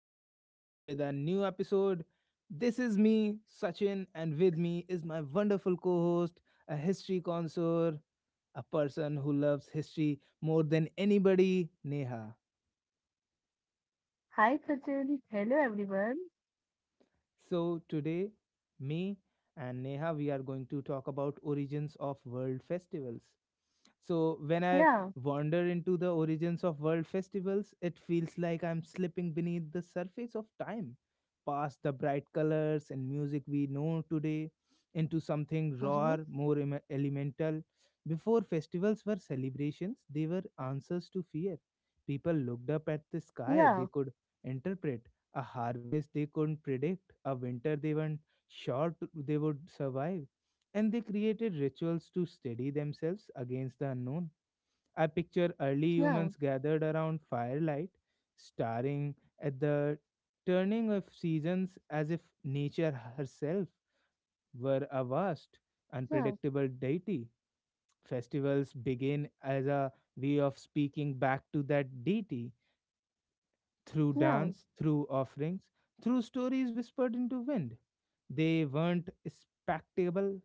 series with a new episode. This is me, Sachin, and with me is my wonderful co host, a history connoisseur, a person who loves history more than anybody, Neha. Hi, Sachin. Hello, everyone. So, today, me and Neha, we are going to talk about origins of world festivals. So when I Yeah. wander into the origins of world festivals, it feels like I'm slipping beneath the surface of time, past the bright colors and music we know today, into something rawer, Mm-hmm. more elemental. Before festivals were celebrations, they were answers to fear. People looked up at the sky they Yeah. could interpret, a harvest they couldn't predict, a winter they weren't sure they would survive, and they created rituals to steady themselves against the unknown. I picture early Yeah. humans gathered around firelight, staring at the turning of seasons as if nature herself were a vast, Yeah. unpredictable deity. Festivals begin as a way of speaking back to that deity through Yeah. dance, through offerings, through stories whispered into wind. They weren't spectable,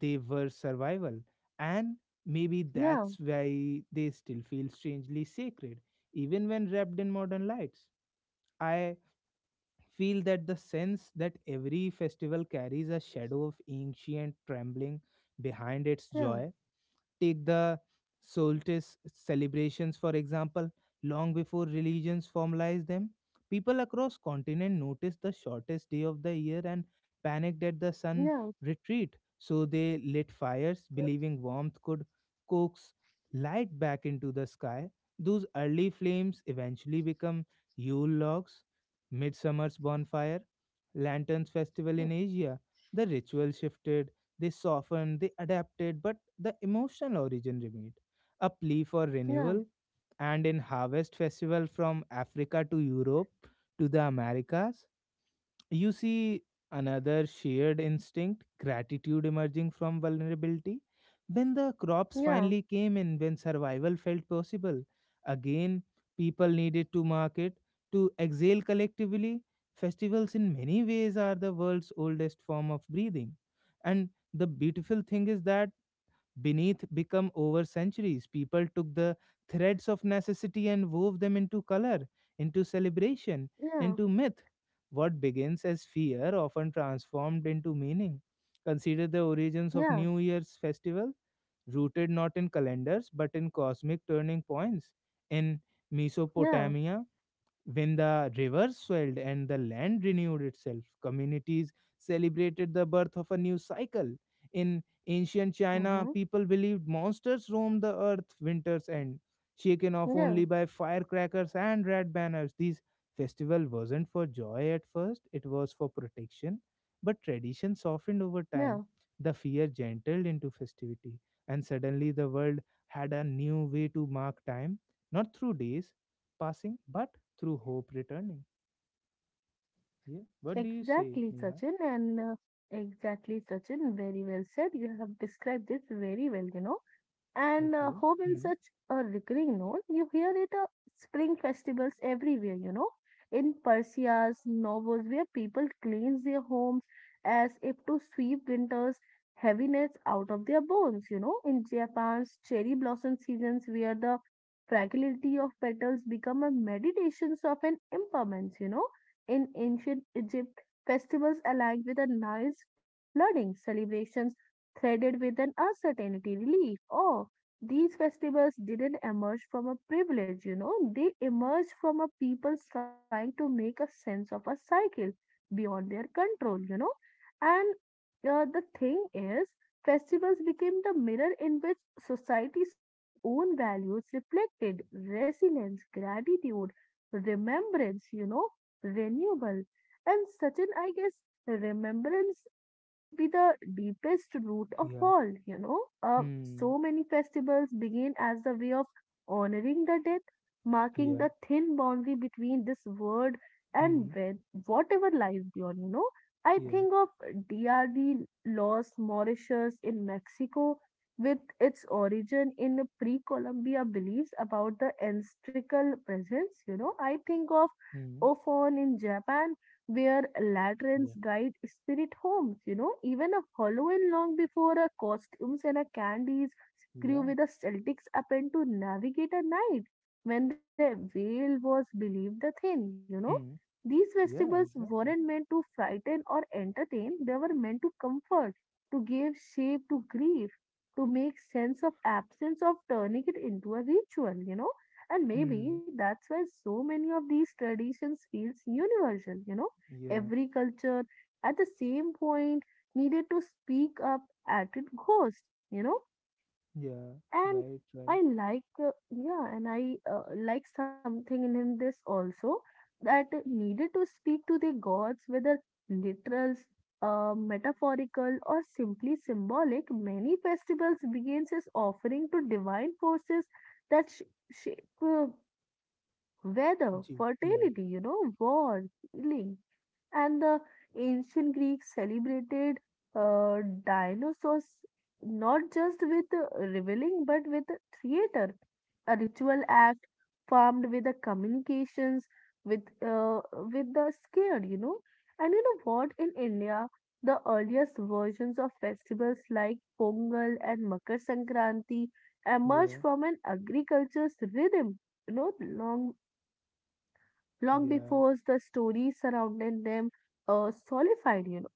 they were survival, and maybe that's why they still feel strangely sacred even when wrapped in modern lights. I feel that the sense that every festival carries a shadow of ancient trembling behind its Yeah. joy. Take the solstice celebrations, for example, long before religions formalized them. People across continent noticed the shortest day of the year and panicked at the sun Yeah. retreat. So they lit fires, believing warmth could coax light back into the sky. Those early flames eventually become Yule logs, Midsummer's bonfire, Lanterns Festival in Yeah. Asia. The ritual shifted, they softened, they adapted, but the emotional origin remained. A plea for renewal, Yeah. and in Harvest Festival from Africa to Europe to the Americas, you see another shared instinct, gratitude emerging from vulnerability when the crops finally Yeah. came in, when survival felt possible again, people needed to market, to exhale collectively. Festivals, in many ways, are the world's oldest form of breathing. And the beautiful thing is that beneath become over centuries, people took the threads of necessity and wove them into color, into celebration, Yeah. into myth. What begins as fear often transformed into meaning. Consider the origins of Yeah. New Year's festival, rooted not in calendars but in cosmic turning points. In Yeah. Mesopotamia, when the rivers swelled and the land renewed itself, communities celebrated the birth of a new cycle. In ancient China, Mm-hmm. people believed monsters roamed the earth winter's end, shaken off Yeah. only by firecrackers and red banners. These festival wasn't for joy at first, it was for protection, but tradition softened over Yeah. time. The fear gentled into festivity, and suddenly the world had a new way to mark time, not through days passing, but through hope returning. Yeah. What do you say, Exactly, Neha? Sachin. And exactly, Sachin. Very well said. You have described this very well. And Okay. Hope in Hmm. such a recurring note, you hear it at spring festivals everywhere, in Persia's novels where people cleanse their homes as if to sweep winter's heaviness out of their bones, in Japan's cherry blossom seasons where the fragility of petals become a meditations of an impermanence, in ancient Egypt, festivals aligned with a Nile's flooding celebrations threaded with an uncertainty relief. Oh, these festivals didn't emerge from a privilege, they emerged from a people trying to make a sense of a cycle beyond their control. And the thing is, festivals became the mirror in which society saw their own values reflected resilience, gratitude, remembrance, renewal. And Sachin, I guess remembrance might be the deepest root of Yeah. all. Hmm. So many festivals begin as a way of honoring the dead, marking the Yeah. thin boundary between this world and Hmm. with whatever lies beyond. I Yeah. think of DRD Los Mauritius in Mexico with its origin in the pre-Columbia beliefs about the ancestral presence. I think of Hmm. Ofon in Japan where lanterns Yeah. guide spirit homes, even a Halloween long before a costumes and a candies grew Yeah. with the Celtics happen to navigate a night when their veil was believed the thing. Hmm. These Yeah. festivals Exactly. weren't meant to frighten or entertain, they were meant to comfort, to give shape to grief, to make sense of absence of turning it into a ritual. And maybe Hmm. that's why so many of these traditions feels universal. Yeah. Every culture at the same point needed to speak up at its ghost, you know. Yeah. And Right. Right. I like, yeah, and I like something in this also that needed to speak to their gods, whether literal, metaphorical, or simply symbolic. Many festivals begins as offering to divine forces that shape weather, Gee. Yeah. fertility, war, healing and the ancient Greeks celebrated uh, dinosaurs not just with reveling but with theater, a ritual act formed with the communications with uh, with the scared. And you know what? In India, the earliest versions of festivals like Pongal and Makar Sankranti emerged Yeah. from an agriculture's rhythm, you know, long long Yeah. before the stories surrounding them solidified.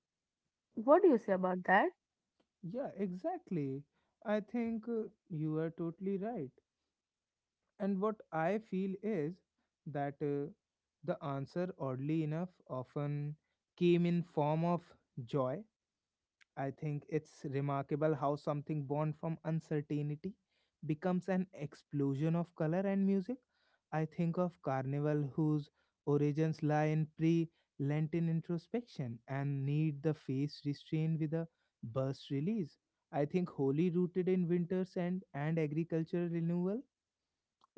What do you say about that? Yeah. Exactly. I think you are totally right. And what I feel is that the answer, oddly enough, often came in form of joy. I think it's remarkable how something born from uncertainty becomes an explosion of color and music. I think of Carnival, whose origins lie in pre Lenten introspection and need the face restrained with a burst release. I think Holi, rooted in winters and agricultural renewal,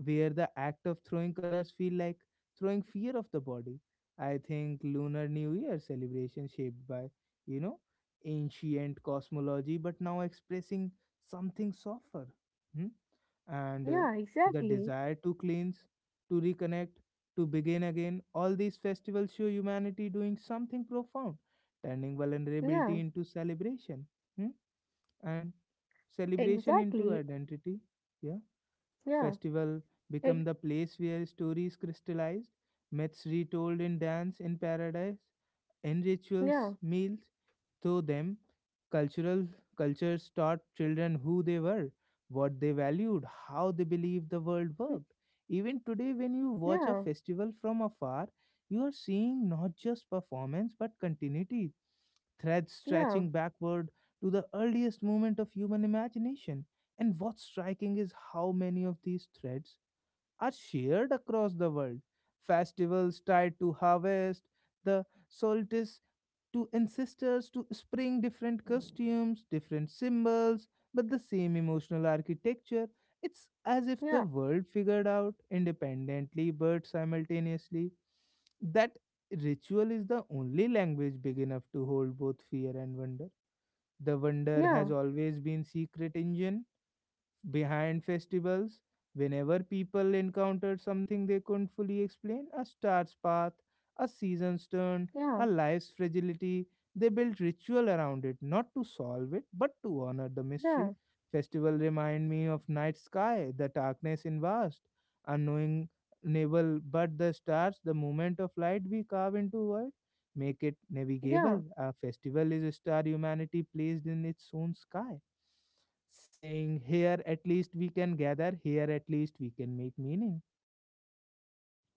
where the act of throwing colors feel like throwing fear of the body. I think Lunar New Year celebration shaped by, you know, ancient cosmology, but now expressing something softer. Hmm? And Yeah, the exactly. desire to cleanse, to reconnect, to begin again. All these festivals show humanity doing something profound, turning Yeah, vulnerability into celebration. Hmm? And celebration into exactly. identity. Yeah, Yeah, festival become ex- the place where stories crystallized, myths retold in dance in paradise, and yeah, rituals meals through them. Cultural Cultures taught children who they were, what they valued, how they believed the world worked. Even today, when you watch a yeah, festival from afar, you are seeing not just performance but continuity, threads yeah, stretching backward to the earliest moment of human imagination. And what's striking is how many of these threads are shared across the world. Festivals tied to harvest, the solstice, to ancestors, to spring, different costumes, different symbols, but the same emotional architecture. It's as if the yeah, world figured out independently but simultaneously that ritual is the only language big enough to hold both fear and wonder. The wonder yeah, has always been secret engine behind festivals. Whenever people encountered something they couldn't fully explain, a star's path, a season's turn, yeah, a life's fragility, they built ritual around it, not to solve it, but to honor the yeah, mystery. Festival remind me of night sky, the darkness in vast, unknowing navel, but the stars, the movement of light we carve into world, make it navigable. yeah. A festival is a star humanity placed in its own sky, saying here at least we can gather, here at least we can make meaning.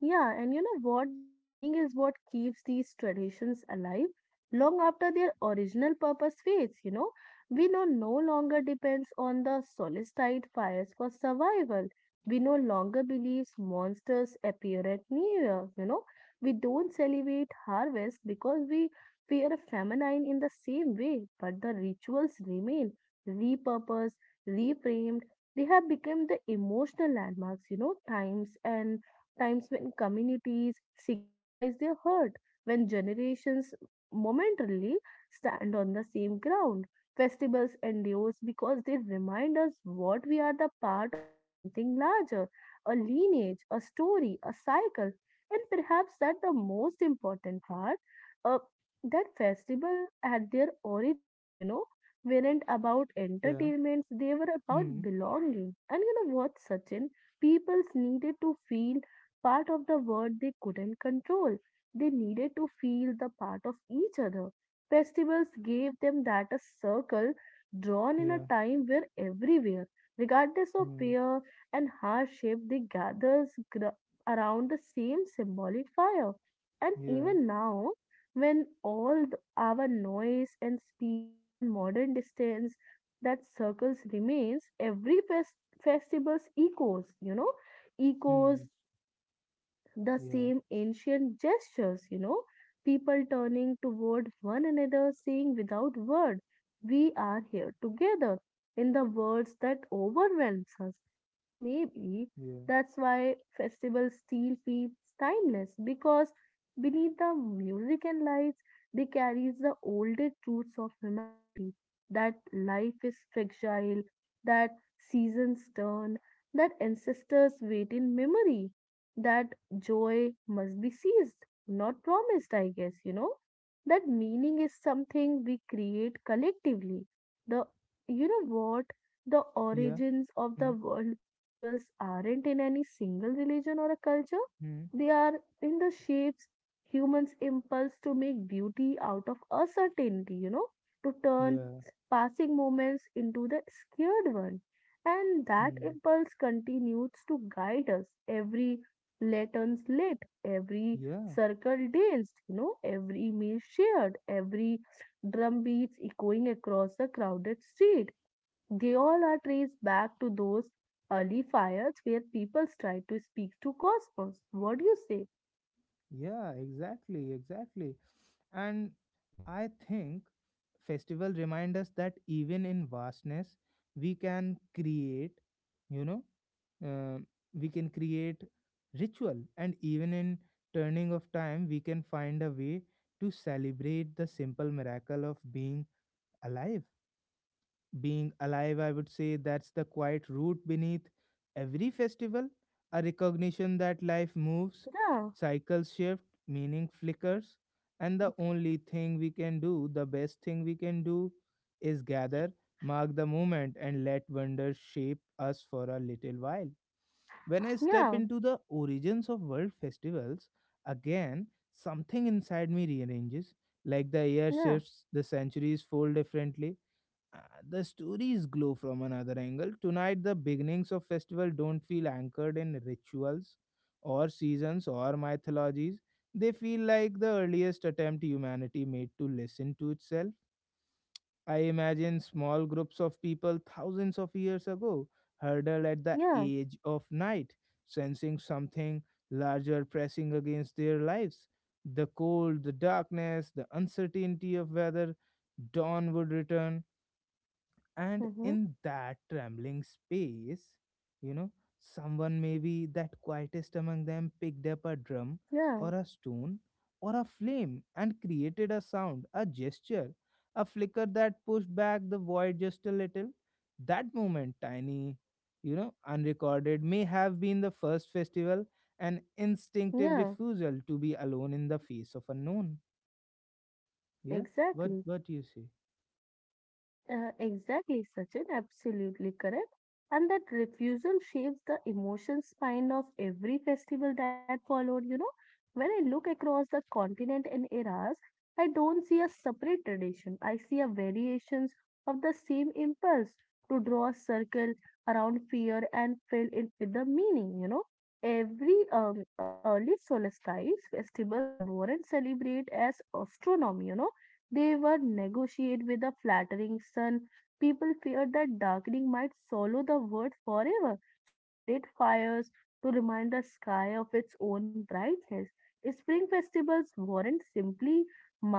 Yeah, and you know what? The meaning is what keeps these traditions alive long after their original purpose fades. We know no longer depends on the solstice fires for survival. We no longer believe monsters appear at New Year. We don't celebrate harvest because we fear a famine in the same way, but the rituals remain repurposed, reframed. They have become the emotional landmarks, times and times when communities synchronize their hurt, when generations momentarily stand on the same ground. Festivals endure because they remind us what we are the part of something larger, a lineage, a story, a cycle, and perhaps that the most important part, uh, that festival at their origins, weren't about Yeah. entertainments, they were about Hmm. belonging. And you know what, Sachin? Peoples needed to feel part of the world they couldn't control. They needed to feel the part of each other. Festivals gave them that a circle drawn in a Yeah. time where everywhere, regardless of Hmm. fear and hardship, around the same symbolic fire. And Yeah. even now, when all our noise and speed and modern distance that circles remains, festival's echoes, echoes Hmm. the Yeah. same ancient gestures, people turning toward one another, saying without word, we are here together, in the words that overwhelms us. And maybe Yeah. that's why festivals still feels timeless because beneath the music and lights, they carries the oldest truths of humanity that life is fragile, that seasons turn, that ancestors wait in memory that joy must be seized, not promised, I guess. That meaning is something we create collectively. The, you know what? The Yeah. origins of the Hmm. world festivals aren't in any single religion or a culture. Hmm. They are in the shapes humans impulse to make beauty out of uncertainty, to turn Yeah. passing moments into the scared one. And that Hmm. impulse continues to guide us every lanterns lit, every Yeah. circle danced, every meal shared, every drum beats echoing across the crowded street. They all are traced back to those early fires where people tried to speak to cosmos. What do you say? Yeah. Exactly. Exactly. And I think festival remind us that even in vastness, we can create. You know. uh, we can create ritual, and even in turning of time we can find a way to celebrate the simple miracle of being alive. Being alive, I would say that's the quiet root beneath every festival, a recognition that life moves, Yeah, cycles shift, meaning flickers, and the only thing we can do, the best thing we can do, is gather, mark the moment, and let wonder shape us for a little while. When I step yeah, into the origins of world festivals, again, something inside me rearranges. Like the air yeah, shifts, the centuries fold differently, uh, the stories glow from another angle. Tonight, the beginnings of festival don't feel anchored in rituals or seasons or mythologies. They feel like the earliest attempt humanity made to listen to itself. I imagine small groups of people thousands of years ago huddled at the yeah, edge of night, sensing something larger pressing against their lives. The cold, the darkness, the uncertainty of whether dawn would return, and hmm in that trembling space, you know, someone, maybe that quietest among them, picked up a drum yeah, or a stone or a flame and created a sound, a gesture, a flicker that pushed back the void just a little. That moment, tiny, you know, unrecorded, may have been the first festival, an instinctive yeah, refusal to be alone in the face of unknown. Yeah. what exactly. what do you say? Exactly, Sachin, absolutely correct. And that refusal shapes the emotion spine of every festival that followed. You know, when I look across the continent and eras, I don't see a separate tradition. I see a variations of the same impulse to draw a circle around fear and fill it with the meaning. You know, every early solstice festivals weren't celebrate as astronomy. You know they were negotiated with a flattering sun. People feared that darkening might swallow the world forever, so they lit fires to remind the sky of its own brightness. Spring festivals weren't simply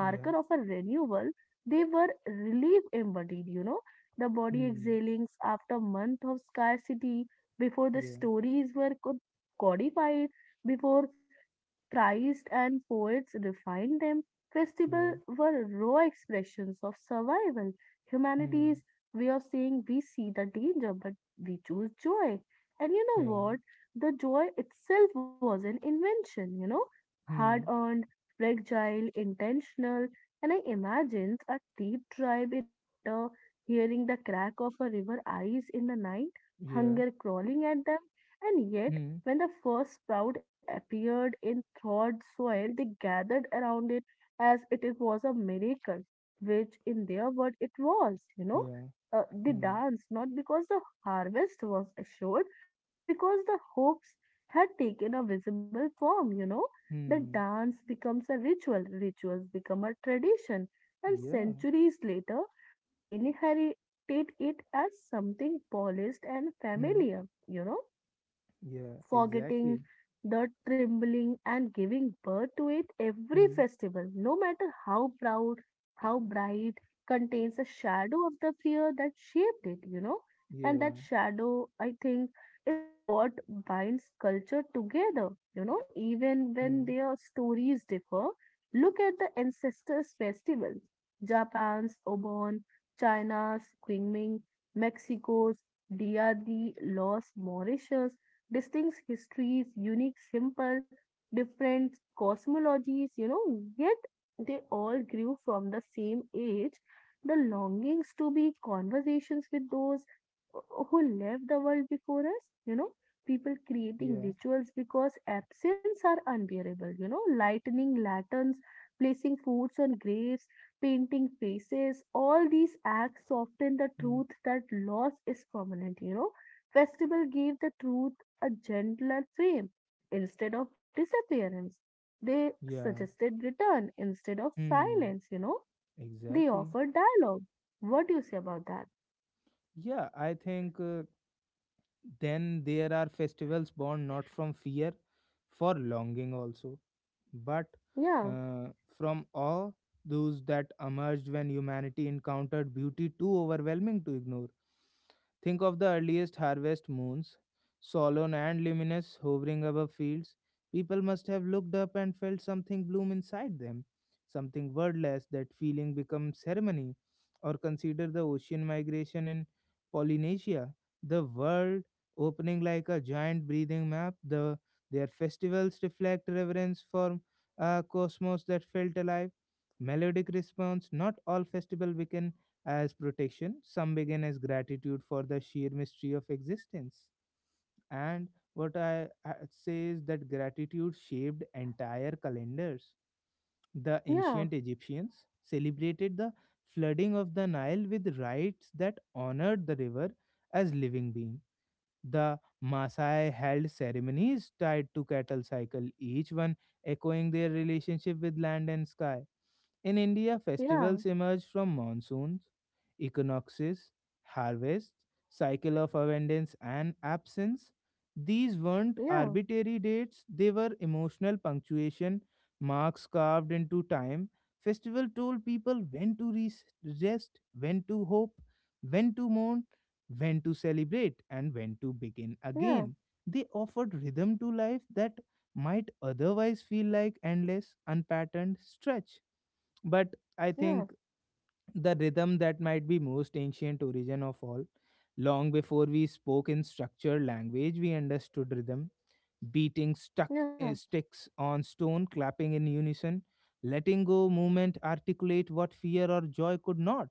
Yeah. of a renewal; they were relief embodied. You know, the body Hmm. exhalings after month of scarcity, before the Yeah. stories were codified, before Christ and poets refined them. Yeah. Festivals were raw expressions of survival, Hmm. humanity's way of saying we see the danger, but we choose joy. And you know Yeah. what? The joy itself was an invention, hard Hmm. earned, fragile, intentional. And I imagined a deep tribe in winter, hearing the crack of a river ice in the night, Yeah. hunger crawling at them, and yet Hmm. when the first sprout appeared in thawed soil, they gathered around it as if was a miracle, which in their word it was. Yeah. They Hmm. danced not because the harvest was assured, but because the hopes had taken a visible form. The Hmm. dance becomes a ritual, rituals become a tradition, and Yeah. centuries later, we inherit it as something polished and Hmm. familiar, you know Yeah. Forgetting Exactly. the trembling and giving birth to it every Hmm. festival, no matter how proud, how bright, contains a shadow of the fear that shaped it. And that Yeah. shadow, I think, is what binds culture together, even when Hmm. their stories differ. Look at the ancestors' festivals Japan's Obon, China's Qingming, Mexico's Dia de los Mauritius distinct histories, unique, simple, different cosmologies, yet they all grew from the same age. The longings to be conversations with those who left the world before us, people creating Yeah. rituals because absence are unbearable, lightening lanterns, placing foods on graves, painting faces, all these acts soften the Hmm. truth that loss is permanent. Festival gave the truth a gentler frame, instead of disappearance. They Yeah. suggested return instead of Hmm. silence. They Exactly. offered dialogue. What do you say about that? Yeah. I think. Then there are festivals born not from fear, for longing also, but Yeah, uh, from awe, those that emerged when humanity encountered beauty too overwhelming to ignore. Think of the earliest harvest moons, solemn and luminous, hovering above fields. People must have looked up and felt something bloom inside them, something wordless. That feeling becomes ceremony, or consider the ocean migration in Polynesia. The world opening like a giant breathing map. Their festivals reflect reverence for a cosmos that felt alive. Melodic response. Not all festival begin as protection. Some begin as gratitude for the sheer mystery of existence. And what I say is that gratitude shaped entire calendars. The yeah, ancient Egyptians celebrated the flooding of the Nile with rites that honored the river as living being. The Maasai held ceremonies tied to cattle cycle, each one echoing their relationship with land and sky. In India, yeah, festivals emerge from monsoons, equinoxes, harvests, cycle of abundance and absence. These weren't yeah, arbitrary dates, they were emotional punctuation marks carved into time. Festival told people when to rest, when to hope, when to mourn, when to celebrate, and when to begin yeah, again. They offered rhythm to life that might otherwise feel like endless, unpatterned stretch. But I yeah, think the rhythm that might be most ancient origin of all. Long before we spoke in structured language, we understood rhythm, beating stuck yeah, sticks on stone, clapping in unison, letting go movement articulate what fear or joy could not.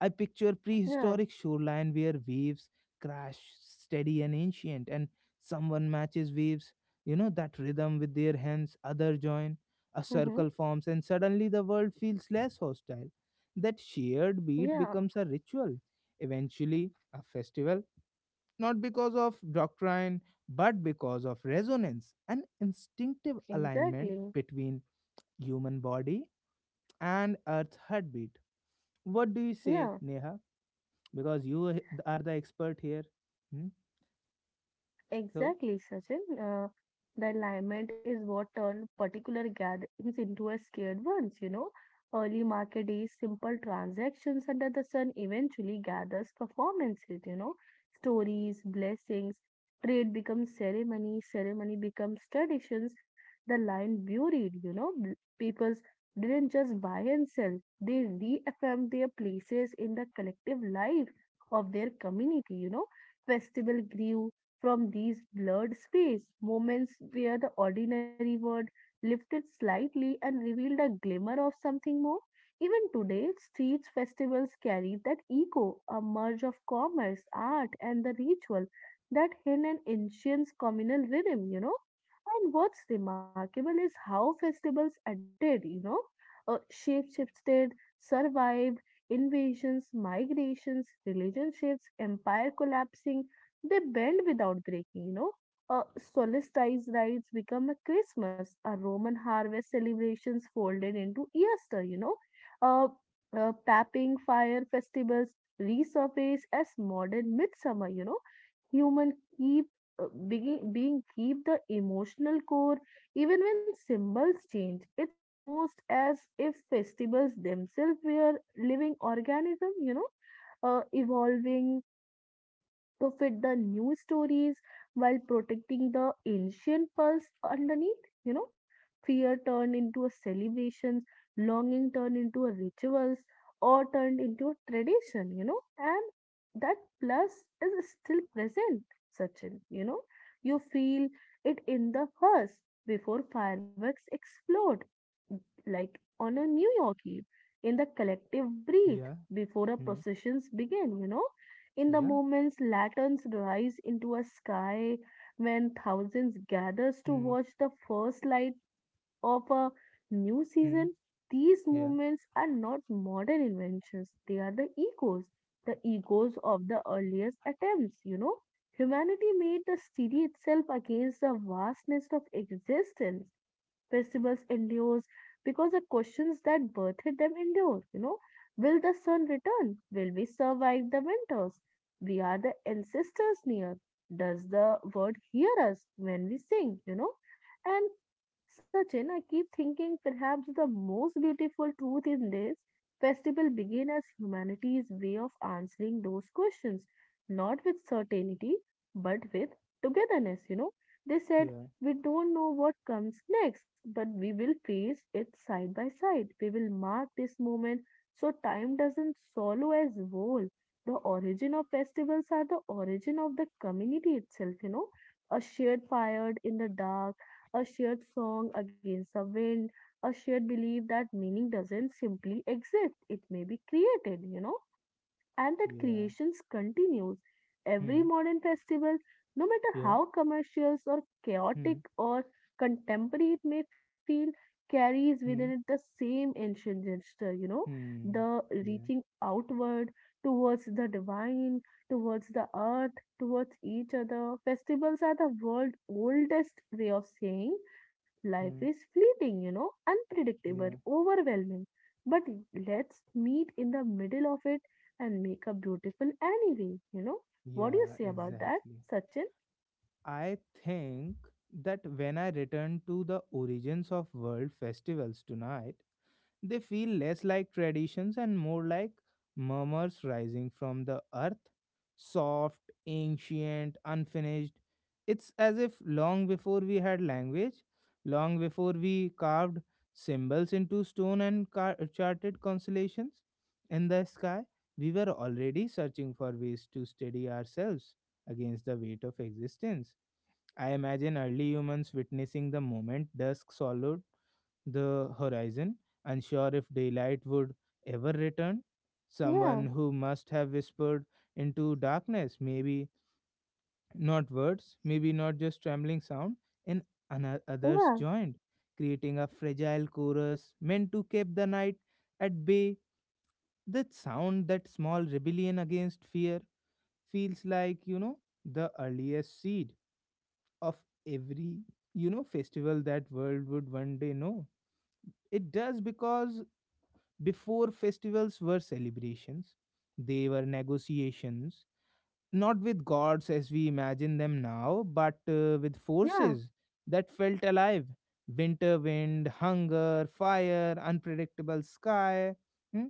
I picture yeah, prehistoric shoreline where waves crash steady and ancient, and someone matches waves, you know, that rhythm with their hands, other join, a hmm circle forms, and suddenly the world feels less hostile. That shared beat yeah, becomes a ritual, eventually a festival, not because of doctrine, but because of resonance and instinctive alignment exactly. between human body and Earth's heartbeat. What do you say, Yeah. Neha? Because you are the expert here. Hmm? So, Exactly, Sachin. Uh, the alignment is what turned particular gatherings into a scared ones. Early market days, simple transactions under the sun eventually gathers performances. Stories, blessings, trade becomes ceremony, ceremony becomes traditions. The line buried, you know. Peoples didn't just buy and sell, they reaffirmed their places in the collective life of their community. Festival grew from these blurred space moments where the ordinary word lifted slightly and revealed a glimmer of something more. Even today, streets festivals carry that echo, a merge of commerce, art, and the ritual that hid an ancient communal rhythm. And what's remarkable is how festivals adapted, you know, shapeshifted, survived invasions, migrations, relationships, empire collapsing, they bend without breaking. Solstice rites become a Christmas, a Roman harvest celebrations folded into Easter. Uh, Papping fire festivals resurface as modern midsummer. Human keep being keep the emotional core even when symbols change. It's almost as if festivals themselves were living organism, evolving to fit the new stories while protecting the ancient pulse underneath. You know, fear turned into a celebrations, longing turned into a rituals, or turned into a tradition. You know, and that plus is still present, Sachin. You know, you feel it in the first before fireworks explode, like on a New York Eve, in the collective breath yeah, before a hmm, processions begin. You know, in the yeah, moments, lanterns rise into a sky when thousands gathers to hmm, watch the first light of a new season, hmm, these yeah, movements are not modern inventions. They are the echoes of the earliest attempts, you know. Humanity made the city itself against the vastness of existence. Festivals endure because the questions that birthed them endure, you know. Will the sun return? Will we survive the winters? We are the ancestors near. Does the world hear us when we sing, you know? And Sachin, I keep thinking perhaps the most beautiful truth in this festival begins as humanity's way of answering those questions, not with certainty, but with togetherness, you know. They said, yeah, we don't know what comes next, but we will face it side by side. We will mark this moment so time doesn't swallow as whole. The origin of festivals are the origin of the community itself, you know. A shared fire in the dark, a shared song against the wind, a shared belief that meaning doesn't simply exist, it may be created, you know, and that yeah, creations continues hmm, every modern festival, no matter yeah, how commercials or hmm, chaotic or contemporary it may feel, carries within it the hmm, same ancient gesture, you know, hmm, the yeah, reaching outward towards the divine, towards the earth, towards each other. Festivals are the world's oldest way of saying life hmm, is fleeting, you know, unpredictable, yeah, overwhelming, but let's meet in the middle of it and make a beautiful anyway. You know, what do you yeah, say about that, exactly. Sachin? I think that when I return to the origins of world festivals tonight, they feel less like traditions and more like murmurs rising from the earth. Soft, ancient, unfinished. It's as if long before we had language, long before we carved symbols into stone and charted constellations in the sky, we were already searching for ways to steady ourselves against the weight of existence. I imagine early humans witnessing the moment dusk swallowed the horizon, unsure if daylight would ever return. Yeah, Someone who must have whispered into darkness, maybe not words, maybe not just trembling sound, and others yeah, joined, creating a fragile chorus meant to keep the night at bay. That sound, that small rebellion against fear, feels like, you know, the earliest seed of every, you know, festival that world would one day know. It does because before festivals were celebrations, they were negotiations not with gods as we imagine them now but with yeah, forces that felt alive, winter wind, hunger, fire, unpredictable sky. Hmm?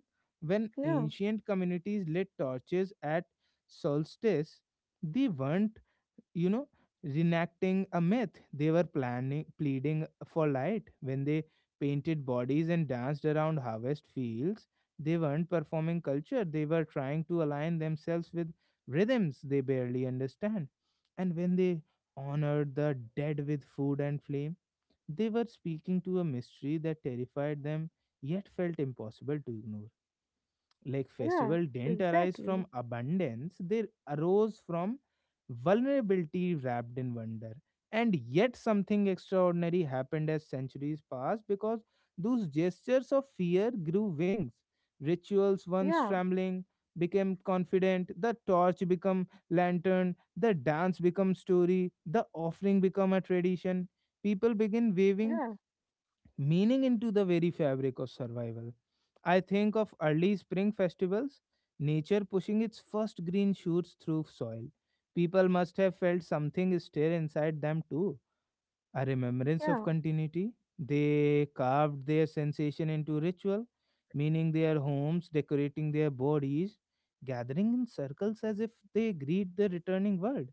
When yeah, ancient communities lit torches at solstice, they weren't, you know, reenacting a myth, they were planning, pleading for light. When they painted bodies and danced around harvest fields, they weren't performing culture, they were trying to align themselves with rhythms they barely understand. And when they honored the dead with food and flame, they were speaking to a mystery that terrified them, yet felt impossible to ignore. Like yeah, festival didn't arise from exactly. abundance, they arose from vulnerability wrapped in wonder. And yet something extraordinary happened as centuries passed, because those gestures of fear grew wings. Rituals once Yeah, trembling became confident, the torch became lantern, the dance became story, the offering became a tradition. People begin waving yeah, meaning into the very fabric of survival. I think of early spring festivals, nature pushing its first green shoots through soil. People must have felt something stir inside them too, a remembrance of yeah, continuity. They carved their sensation into ritual, meaning their homes, decorating their bodies, gathering in circles as if they greet the returning world.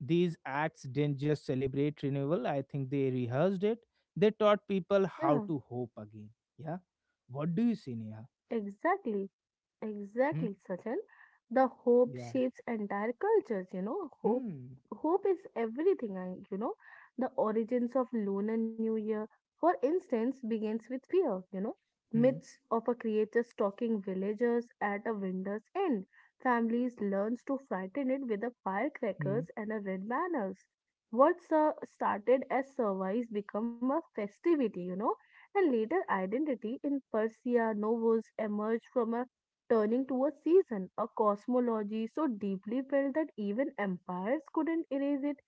These acts didn't just celebrate renewal, I think they rehearsed it. They taught people yeah, how to hope again. Yeah. What do you say, Neha? exactly. Hmm? Exactly, Sachin. The hope Yeah. shapes entire cultures, you know. Hope Hmm. hope is everything, you know. The origins of Lunar New Year, for instance, begins with fear, you know. Hmm. Myths of a creator stalking villagers at a winter's end. Families learns to frighten it with the Hmm. firecrackers and the red banners. Started as survives become a festivity, you know, and later identity in Persia novels emerge from a turning to a season, a cosmology so deeply felt that even empires couldn't erase it.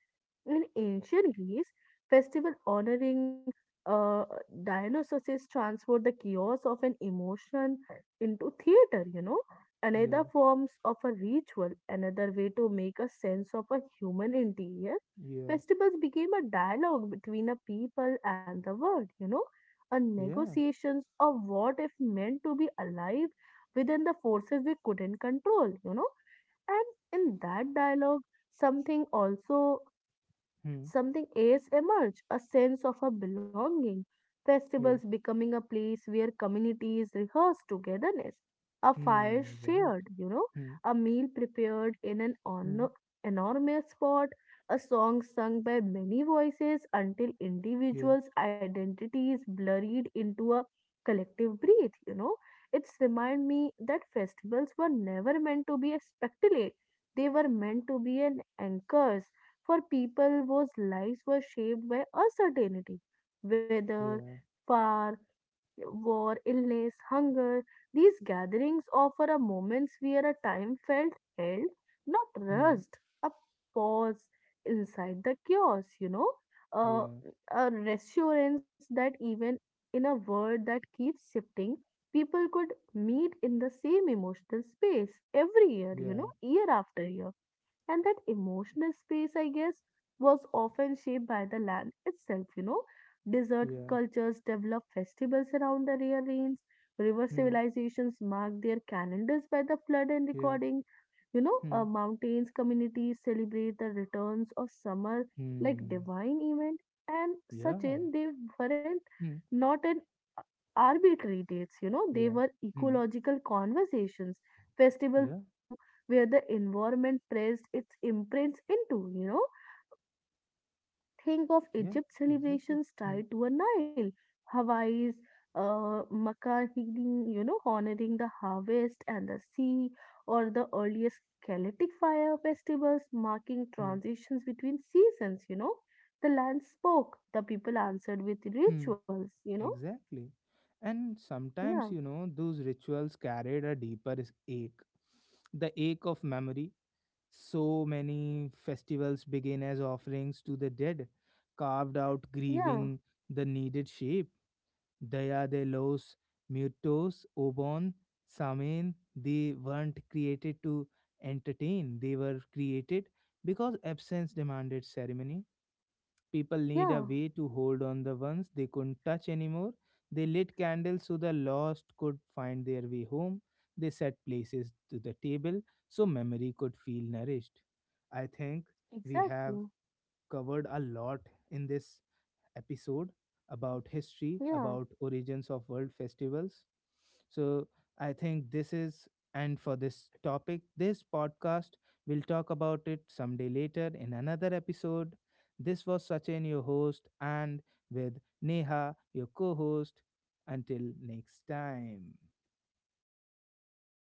In ancient Greece, festival honoring uh, Dionysus transformed the chaos of an emotion into theater, you know, another Yeah. forms of a ritual, another way to make a sense of a human interior. Yeah. Festivals became a dialogue between a people and the world, you know, a Yeah. negotiations of what if meant to be alive within the forces we couldn't control, you know. And in that dialogue, something also Hmm. something else emerged, a sense of a belonging, festivals Yeah. becoming a place where communities rehearse togetherness, a fire Hmm. Right. shared, you know, Hmm. a meal prepared in Hmm. Enormous pot, a song sung by many voices until Yeah. individuals' identities blurred into a collective breath, you know. It's remind me that festivals were never meant to be a spectacle. They were meant to be an anchors for people whose lives were shaped by uncertainty, weather, Yeah. fire, war, illness, hunger. These gatherings offer a moments where a time felt held, not Hmm. rushed, a pause inside the chaos, you know, uh, Yeah. a reassurance that even in a world that keeps shifting, people could meet in the same emotional space every year, you Yeah. know, year after year, and that emotional space, I guess, was often shaped by the land itself, you know. Desert Yeah. cultures developed festivals around the rare rains. River Hmm. civilizations mark their calendars by the flood and Yeah. recording. You know, Hmm. uh, mountains communities celebrate the returns of summer like Hmm. divine event. And such Yeah. in they weren't Hmm. not an arbitrary dates, you know, they Yeah. were Hmm. ecological conversations. Festivals Yeah. grew where the environment pressed its imprints into, you know. Think of Yeah. Egypt Exactly. celebrations Hmm. tied to a Nile, Hawaii's Makkah, you know, honoring the harvest and the sea, or the earliest Celtic fire festivals marking Hmm. transitions between seasons, you know. The land spoke, the people answered with Hmm. rituals, you know. Exactly. And Yeah, sometimes, you know, those rituals carried a deeper ache. The ache of memory. So many festivals begin as offerings to the dead, carved out, yeah, grieving the needed shape. Daya de los muertos, Obon, Samen, they weren't created to entertain, they were created because absence demanded ceremony. People need a yeah. way to hold on the ones they couldn't touch anymore. They lit candles so the lost could find their way home. They set places to the table so memory could feel nourished. I think we have Exactly. covered a lot in this episode about history, Yeah. about origins of world festivals. So I think this is, and for this topic, this podcast, we'll talk about it someday later in another episode. This was Sachin, your host, and with Neha, your co host. Until next time.